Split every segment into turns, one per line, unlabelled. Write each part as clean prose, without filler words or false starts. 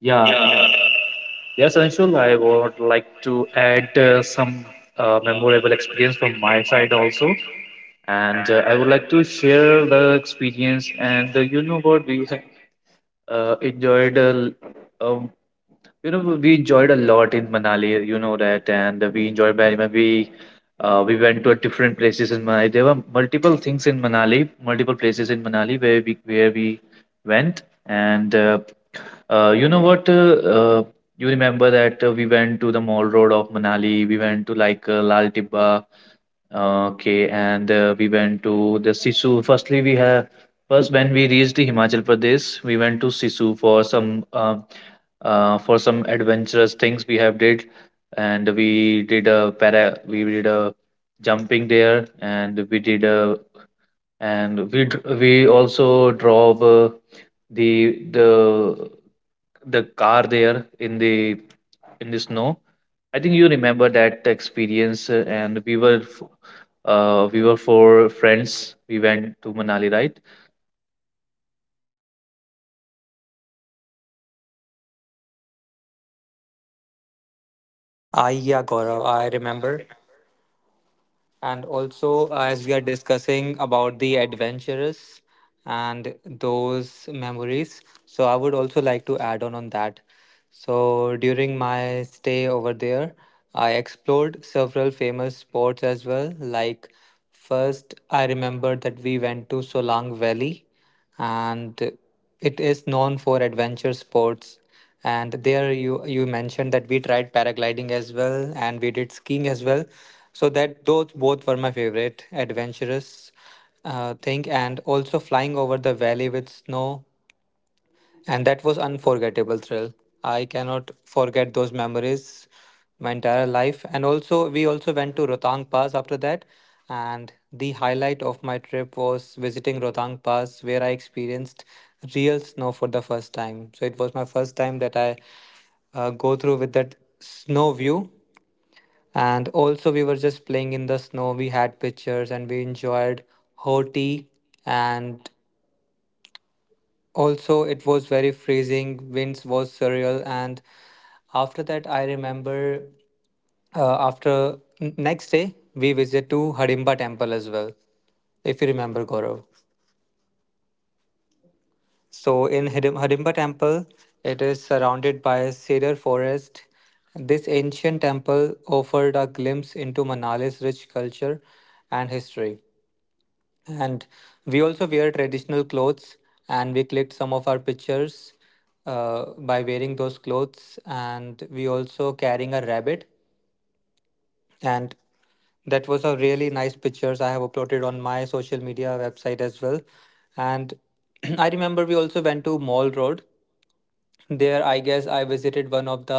Yeah, yes, Anshul, I would like to add some memorable experience from my side also. And I would like to share the experience. And you know what, uh, enjoyed, uh, um, we enjoyed a lot in Manali, you know that. And we enjoyed very much. We went to different places in Manali. There were multiple things in Manali, multiple places in Manali where we went. And you know what? You remember that we went to the mall road of Manali, we went to like Lal Tibba, okay, and we went to the Sisu. First, when we reached the Himachal Pradesh, we went to Sisu for some adventurous things we have did, and we did a para, we did a jumping there, and we did a and we dr- we also drove. The the the car there in the snow. I think you remember that experience, and we were four friends. We went to Manali, right?
Ah, yeah, Gaurav, I remember. And also, as we are discussing about the adventurous and those memories, so I would also like to add on that. So during my stay over there, I explored several famous spots as well. Like first, I remember that we went to Solang Valley, and it is known for adventure sports. And there you mentioned that we tried paragliding as well, and we did skiing as well. So that those both were my favorite adventurous thing, and also flying over the valley with snow, and that was unforgettable thrill. I cannot forget those memories my entire life. And also we also went to Rotang Pass after that, and the highlight of my trip was visiting Rotang Pass, where I experienced real snow for the first time. So it was my first time that I go through with that snow view. And also we were just playing in the snow, we had pictures, and we enjoyed hot tea. And also, it was very freezing. Winds was surreal, and after that, I remember, next day we visit to Harimba Temple as well, if you remember, Gaurav. So in Harimba Temple, it is surrounded by a cedar forest. This ancient temple offered a glimpse into Manali's rich culture and history. And we also wear traditional clothes, and we clicked some of our pictures by wearing those clothes, and we also carrying a rabbit. And that was a really nice pictures I have uploaded on my social media website as well. And I remember we also went to Mall Road. There I guess I visited one of the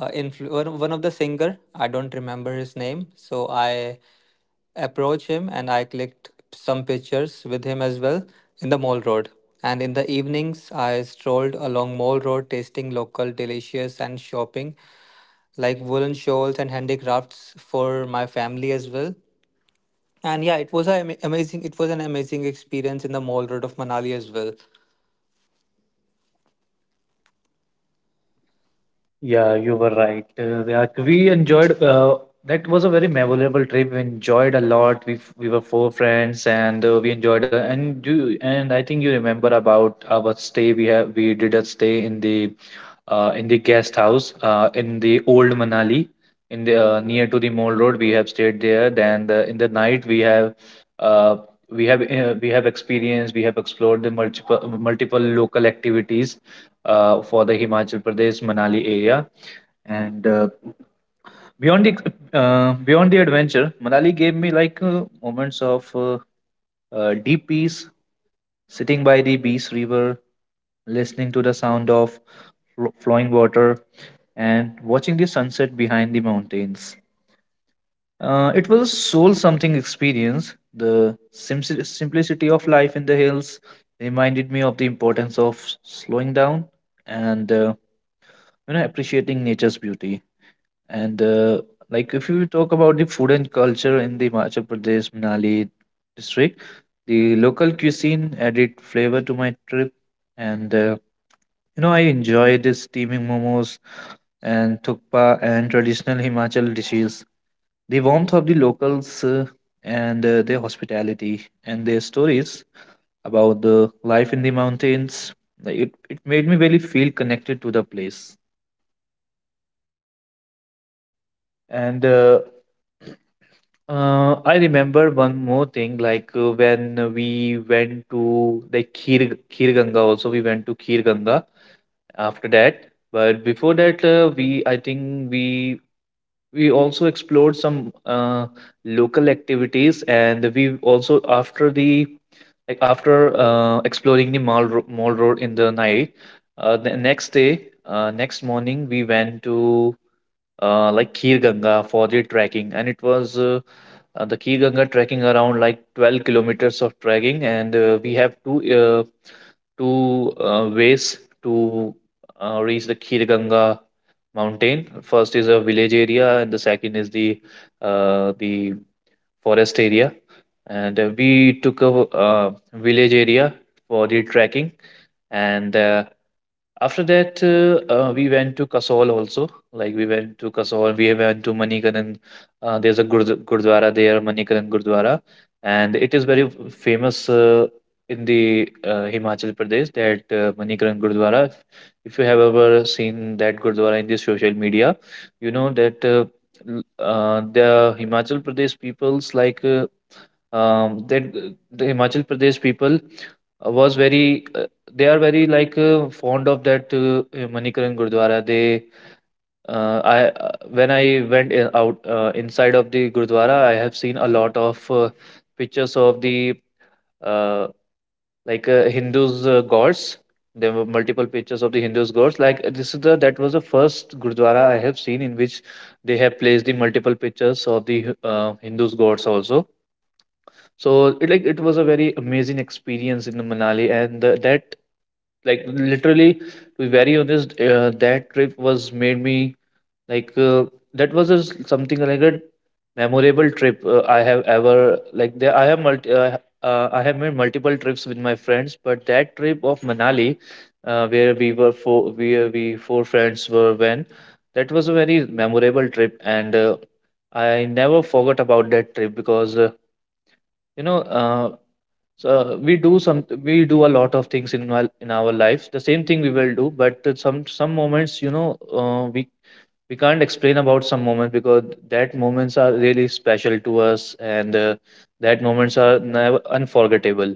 one of the singer. I don't remember his name, so I approach him and I clicked some pictures with him as well in the Mall Road. And in the evenings, I strolled along Mall Road, tasting local delicious and shopping like woolen shawls and handicrafts for my family as well. And yeah, it was a amazing. It was an amazing experience in the Mall Road of Manali as well.
Yeah, you were right. Yeah, we enjoyed. That was a very memorable trip. We enjoyed a lot. We were four friends, and we enjoyed a lot. And I think you remember about our stay. We did a stay in the guest house, in the old Manali, in the near to the Mall Road. We have stayed there. Then, in the night, uh, we have experienced. We have explored the multiple local activities for the Himachal Pradesh Manali area, and beyond the adventure, Manali gave me like moments of deep peace, sitting by the Bees River, listening to the sound of flowing water, and watching the sunset behind the mountains. It was a soul something experience. The simplicity of life in the hills reminded me of the importance of slowing down, and appreciating nature's beauty. And like, if you talk about the food and culture in the Himachal Pradesh Manali district, the local cuisine added flavor to my trip. And I enjoyed the steaming momos and thukpa and traditional Himachal dishes. The warmth of the locals, and their hospitality, and their stories about the life in the mountains, like, it made me really feel connected to the place. And I remember one more thing, like when we went to like Khir Ganga, also we went to Khir Ganga after that. But before that, we I think we also explored some local activities, and we also after the like after exploring the mall road in the night. The next day, next morning, we went to like Khir Ganga for the trekking, and it was. The Key Ganga trekking around like 12 kilometers of trekking, and we have two ways to reach the Kir Ganga mountain. First is a village area, and the second is the forest area. And we took a village area for the trekking, and after that, we went to Kasol also. Like, we went to Kasol, we went to Manikaran. There's a Gurdwara there, Manikaran Gurdwara, and it is very famous in the Himachal Pradesh. That Manikaran Gurdwara. If you have ever seen that Gurdwara in the social media, you know that the Himachal Pradesh peoples, like that the Himachal Pradesh people was very, they are very like fond of that Manikaran Gurdwara. They I When I went in, out inside of the Gurdwara, I have seen a lot of pictures of the uh, Hindus gods. There were multiple pictures of the Hindus gods. Like this is the that was the first Gurdwara I have seen in which they have placed the multiple pictures of the Hindus gods also. So, it like, it was a very amazing experience in the Manali. And the, that Like, literally, to be very honest, that trip was made me, like that was a s something like a memorable trip I have ever. Like there I have multi I have made multiple trips with my friends, but that trip of Manali, where we four friends were when that was a very memorable trip, and I never forgot about that trip because. You know, uh, so, we do a lot of things in our lives, the same thing we will do, but at some moments, we can't explain about some moments because that moments are really special to us, and that moments are never unforgettable.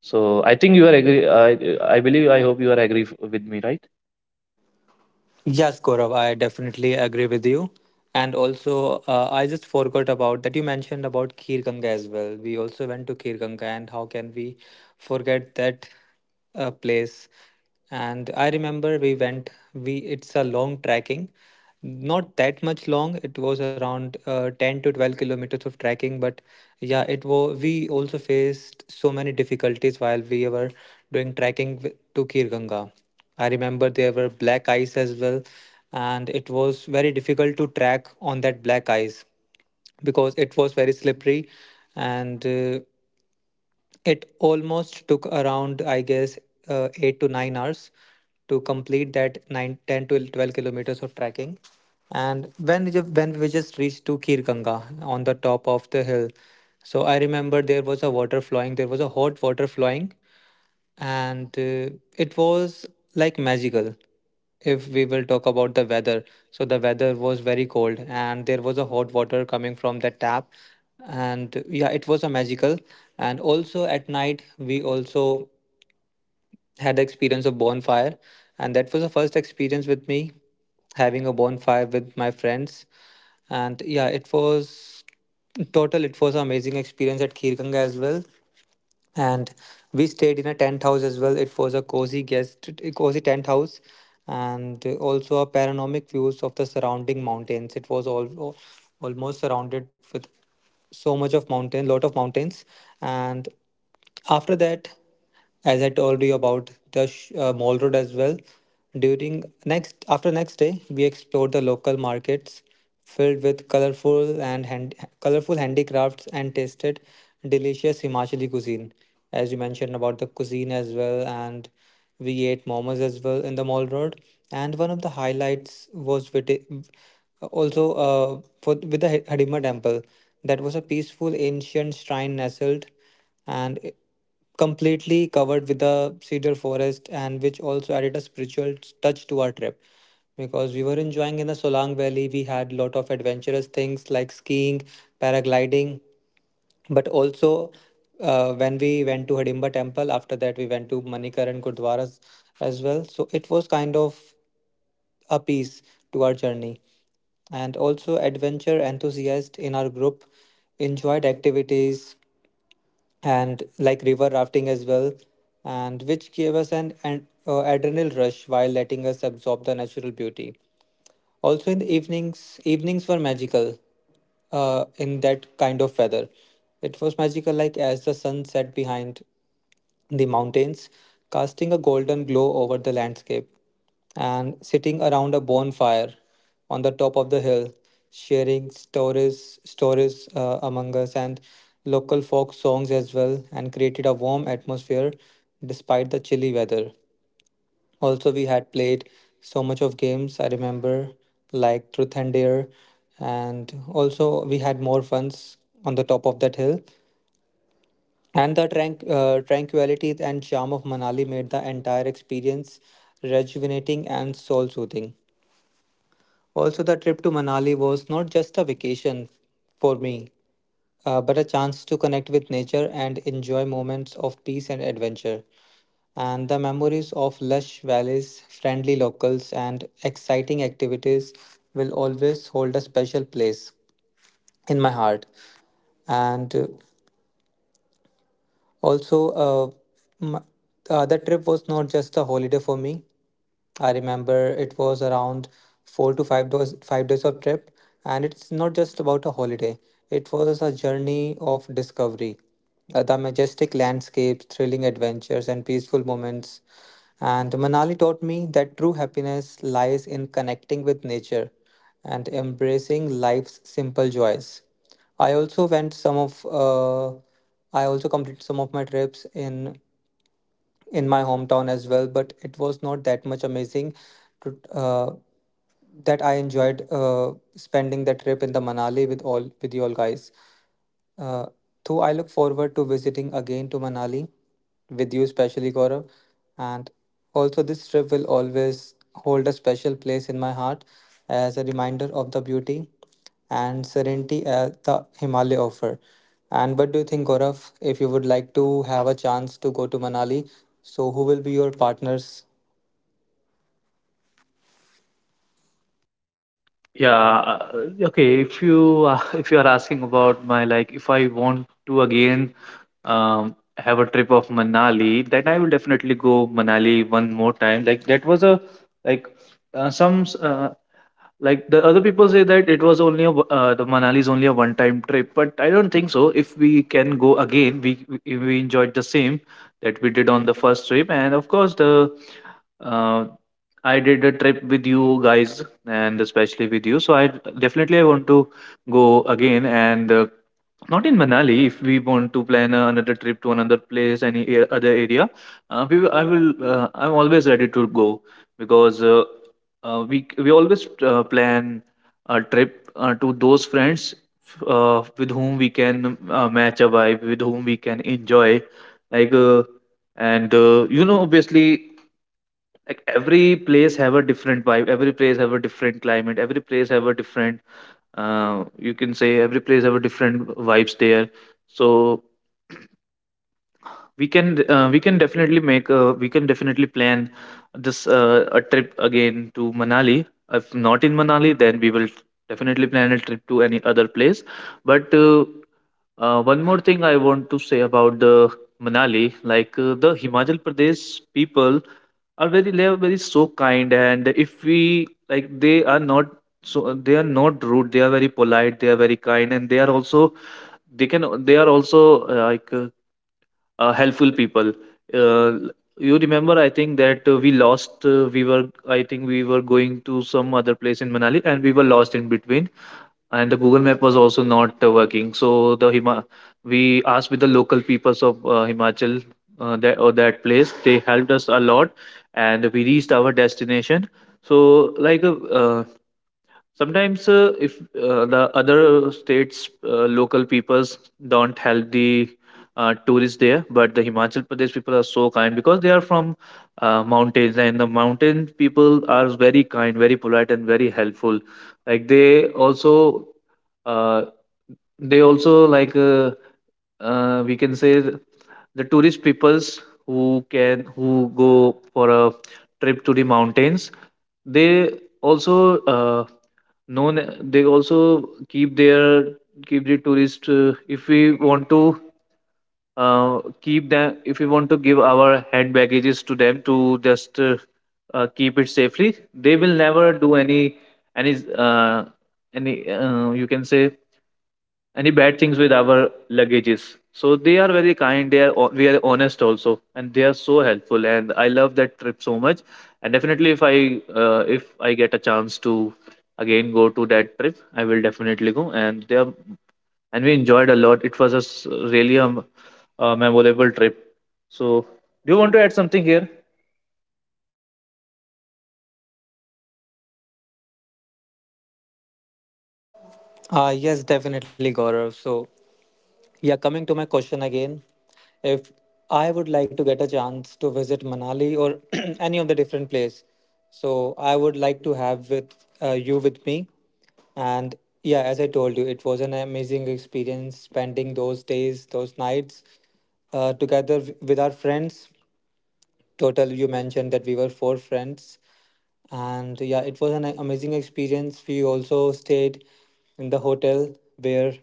So I think you are agree, I believe, I hope you are agree with me, right?
Yes, Gaurav, I definitely agree with you. And also, I just forgot about that you mentioned about Khir Ganga as well. We also went to Khir Ganga, and how can we forget that place? And I remember we went. We it's a long trekking, not that much long. It was around 10 to 12 kilometers of trekking, but yeah, it was. We also faced so many difficulties while we were doing trekking to Khir Ganga. I remember there were black ice as well, and it was very difficult to track on that black ice because it was very slippery. And It almost took around, I guess, 8 to 9 hours to complete that nine, ten to 12 kilometers of trekking. And when we just reached to Kirganga on the top of the hill, so I remember there was a water flowing, there was a hot water flowing, and it was like magical. If we will talk about the weather, so the weather was very cold and there was a hot water coming from the tap. And yeah, it was a magical. And also at night we also had the experience of bonfire, and that was the first experience with me having a bonfire with my friends. And yeah, it was total, it was an amazing experience at Khirganga as well. And we stayed in a tent house as well. It was a cozy guest a cozy tent house. And also a panoramic views of the surrounding mountains. It was all almost surrounded with so much of mountain, lot of mountains. And after that, as I told you about the Mall Road as well. During next after next day, we explored the local markets filled with colorful handicrafts, and tasted delicious Himachali cuisine. As you mentioned about the cuisine as well, and we ate momos as well in the Mall Road. And one of the highlights was with it, also with the Hidimba temple. That was a peaceful ancient shrine nestled and completely covered with the cedar forest, and which also added a spiritual touch to our trip. Because we were enjoying in the Solang Valley. We had lot of adventurous things like skiing, paragliding, but also when we went to Hidimba Temple, after that we went to Manikaran Gurdwaras as well. So it was kind of a piece to our journey. And also adventure enthusiasts in our group enjoyed activities and like river rafting as well, and which gave us an adrenal rush while letting us absorb the natural beauty. Also, in the evenings, evenings were magical in that kind of weather. It was magical, like as the sun set behind the mountains, casting a golden glow over the landscape, and sitting around a bonfire on the top of the hill, sharing stories among us, and local folk songs as well, and created a warm atmosphere despite the chilly weather. Also, we had played so much of games, I remember, like Truth and Dare. And also we had more funs on the top of that hill. And the tranquility and charm of Manali made the entire experience rejuvenating and soul soothing. Also, the trip to Manali was not just a vacation for me, but a chance to connect with nature and enjoy moments of peace and adventure. And the memories of lush valleys, friendly locals, and exciting activities will always hold a special place in my heart. And Also, m That trip was not just a holiday for me. I remember it was around four to five days, 5 days of trip, and it's not just about a holiday. It was a journey of discovery. The majestic landscapes, thrilling adventures, and peaceful moments and Manali taught me that true happiness lies in connecting with nature and embracing life's simple joys. I also went some of I also completed some of my trips in my hometown as well, but it was not that much amazing to, that I enjoyed spending the trip in the Manali with all with you all guys. Uh, though I look forward to visiting again to Manali with you, especially Gaurav. And also, this trip will always hold a special place in my heart as a reminder of the beauty and serenity the Himalaya offer. And what do you think, Gaurav? If you would like to have a chance to go to Manali, so who will be your partners?
Yeah, okay. If you If you are asking about my, like, if I want to again have a trip of Manali, then I will definitely go Manali one more time. Like that was a. Like uh, some s- uh, like the other people say that it was only the Manali is only a one time trip, but I don't think so. If we can go again, we we enjoyed the same that we did on the first trip. And of course, the uh, I did a trip with you guys and especially with you, so I definitely I want to go again, and not in Manali. If we want to plan another trip to another place, any other area, we, will- I will I'm always ready to go, because we always plan a trip to those friends with whom we can match a vibe, with whom we can enjoy. Like and obviously, like every place have a different vibe. Every place have a different climate. Every place have a different. You can say every place have a different vibes there. So we can definitely plan this a trip again to Manali. If not in Manali, then we will definitely plan a trip to any other place. But one more thing I want to say about the Manali. Like, the Himachal Pradesh people are very, so kind. And if we like, they are not. So they are not rude. They are very polite, they are very kind, and they are also, they are also uh, like uh, helpful people. Uh, you remember, I think that we lost. I think we were going to some other place in Manali, and we were lost in between. And the Google Map was also not working. We asked with the local peoples of Himachal, that or that place. They helped us a lot, and we reached our destination. So, like, uh, sometimes if the other states local peoples don't help the tourists there, but the Himachal Pradesh people are so kind because they are from mountains, and the mountain people are very kind, very polite, and very helpful. Like, uh, they also, like, we can say, the tourist peoples who go for a trip to the mountains, they also uh, known. They also, keep the tourist, if we want to keep them, if we want to give our hand baggages to them to just keep it safely, they will never do any uh, any you can say any bad things with our luggages. So they are very kind. They are We are honest also, and they are so helpful. And I love that trip so much. And definitely, if I get a chance to again go to that trip, I will definitely go. And they are and we enjoyed a lot. It was really a memorable trip. So, do you want to add something here?
Yes, definitely, Gaurav. So, yeah, coming to my question again. If I would like to get a chance to visit Manali or any of the different place, so I would like to have with you with me. And yeah, as I told you, it was an amazing experience spending those days, those nights together with our friends. Total, you mentioned that we were four friends, and yeah, it was an amazing experience. We also stayed in the hotel where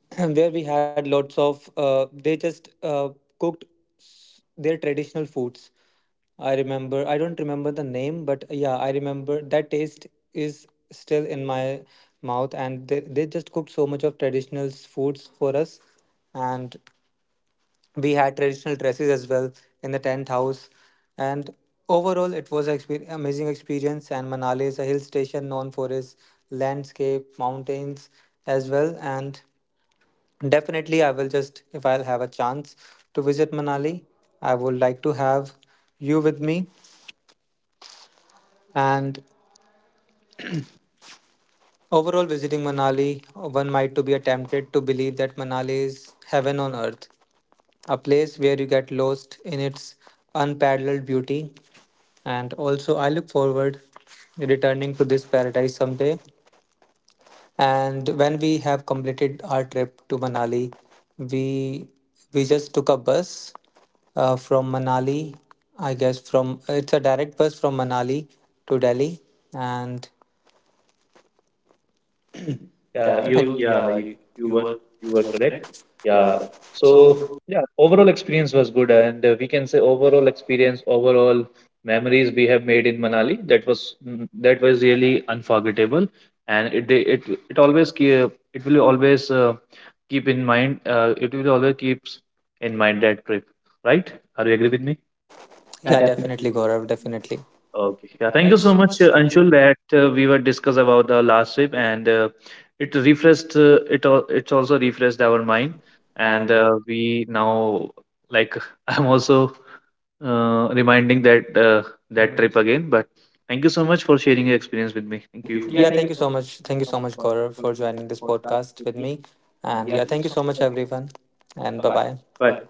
where we had lots of they just cooked their traditional foods. I remember, I don't remember the name, but yeah, I remember that taste is still in my mouth. And they just cooked so much of traditional foods for us. And we had traditional dresses as well in the tent house. And overall, it was an amazing experience. And Manali is a hill station known for its landscape, mountains as well. And definitely, I will just, if I'll have a chance to visit Manali, I would like to have you with me. And overall, visiting Manali, one might to be tempted to believe that Manali is heaven on earth, a place where you get lost in its unparalleled beauty. And also, I look forward returning to this paradise someday. And when we have completed our trip to Manali, we we just took a bus from Manali. I guess from it's a direct bus from Manali to Delhi, and
Yeah,
yeah, it you yeah you,
you
you
were
were
you were
you were
correct.
correct.
Yeah,
Yeah.
so
So
yeah, overall experience was good, and we can say overall experience, overall memories we have made in Manali, that was really unforgettable, and it they- it always keep, it will always keep in mind. It will always keeps in mind that trip, right? Are you agree with me? Yeah,
yeah,
definitely.
definitely
Gaurav,
Gaurav,
definitely.
definitely. Okay.
Okay. Yeah,
Yeah,
thank you
thank you
so
so
much,
much, Anshul,
Anshul, that we were discussed about the last trip, and it's also refreshed our
for your
mind,
time.
and
And
we now, like, I'm also reminding that trip again. But thank you so much for sharing your experience with me. Thank
thank
you.
you. Yeah, thank you so much. Thank you so much, Gaurav, for joining this podcast with me. And yeah, thank you so much, everyone. And bye bye.
Bye.
Bye.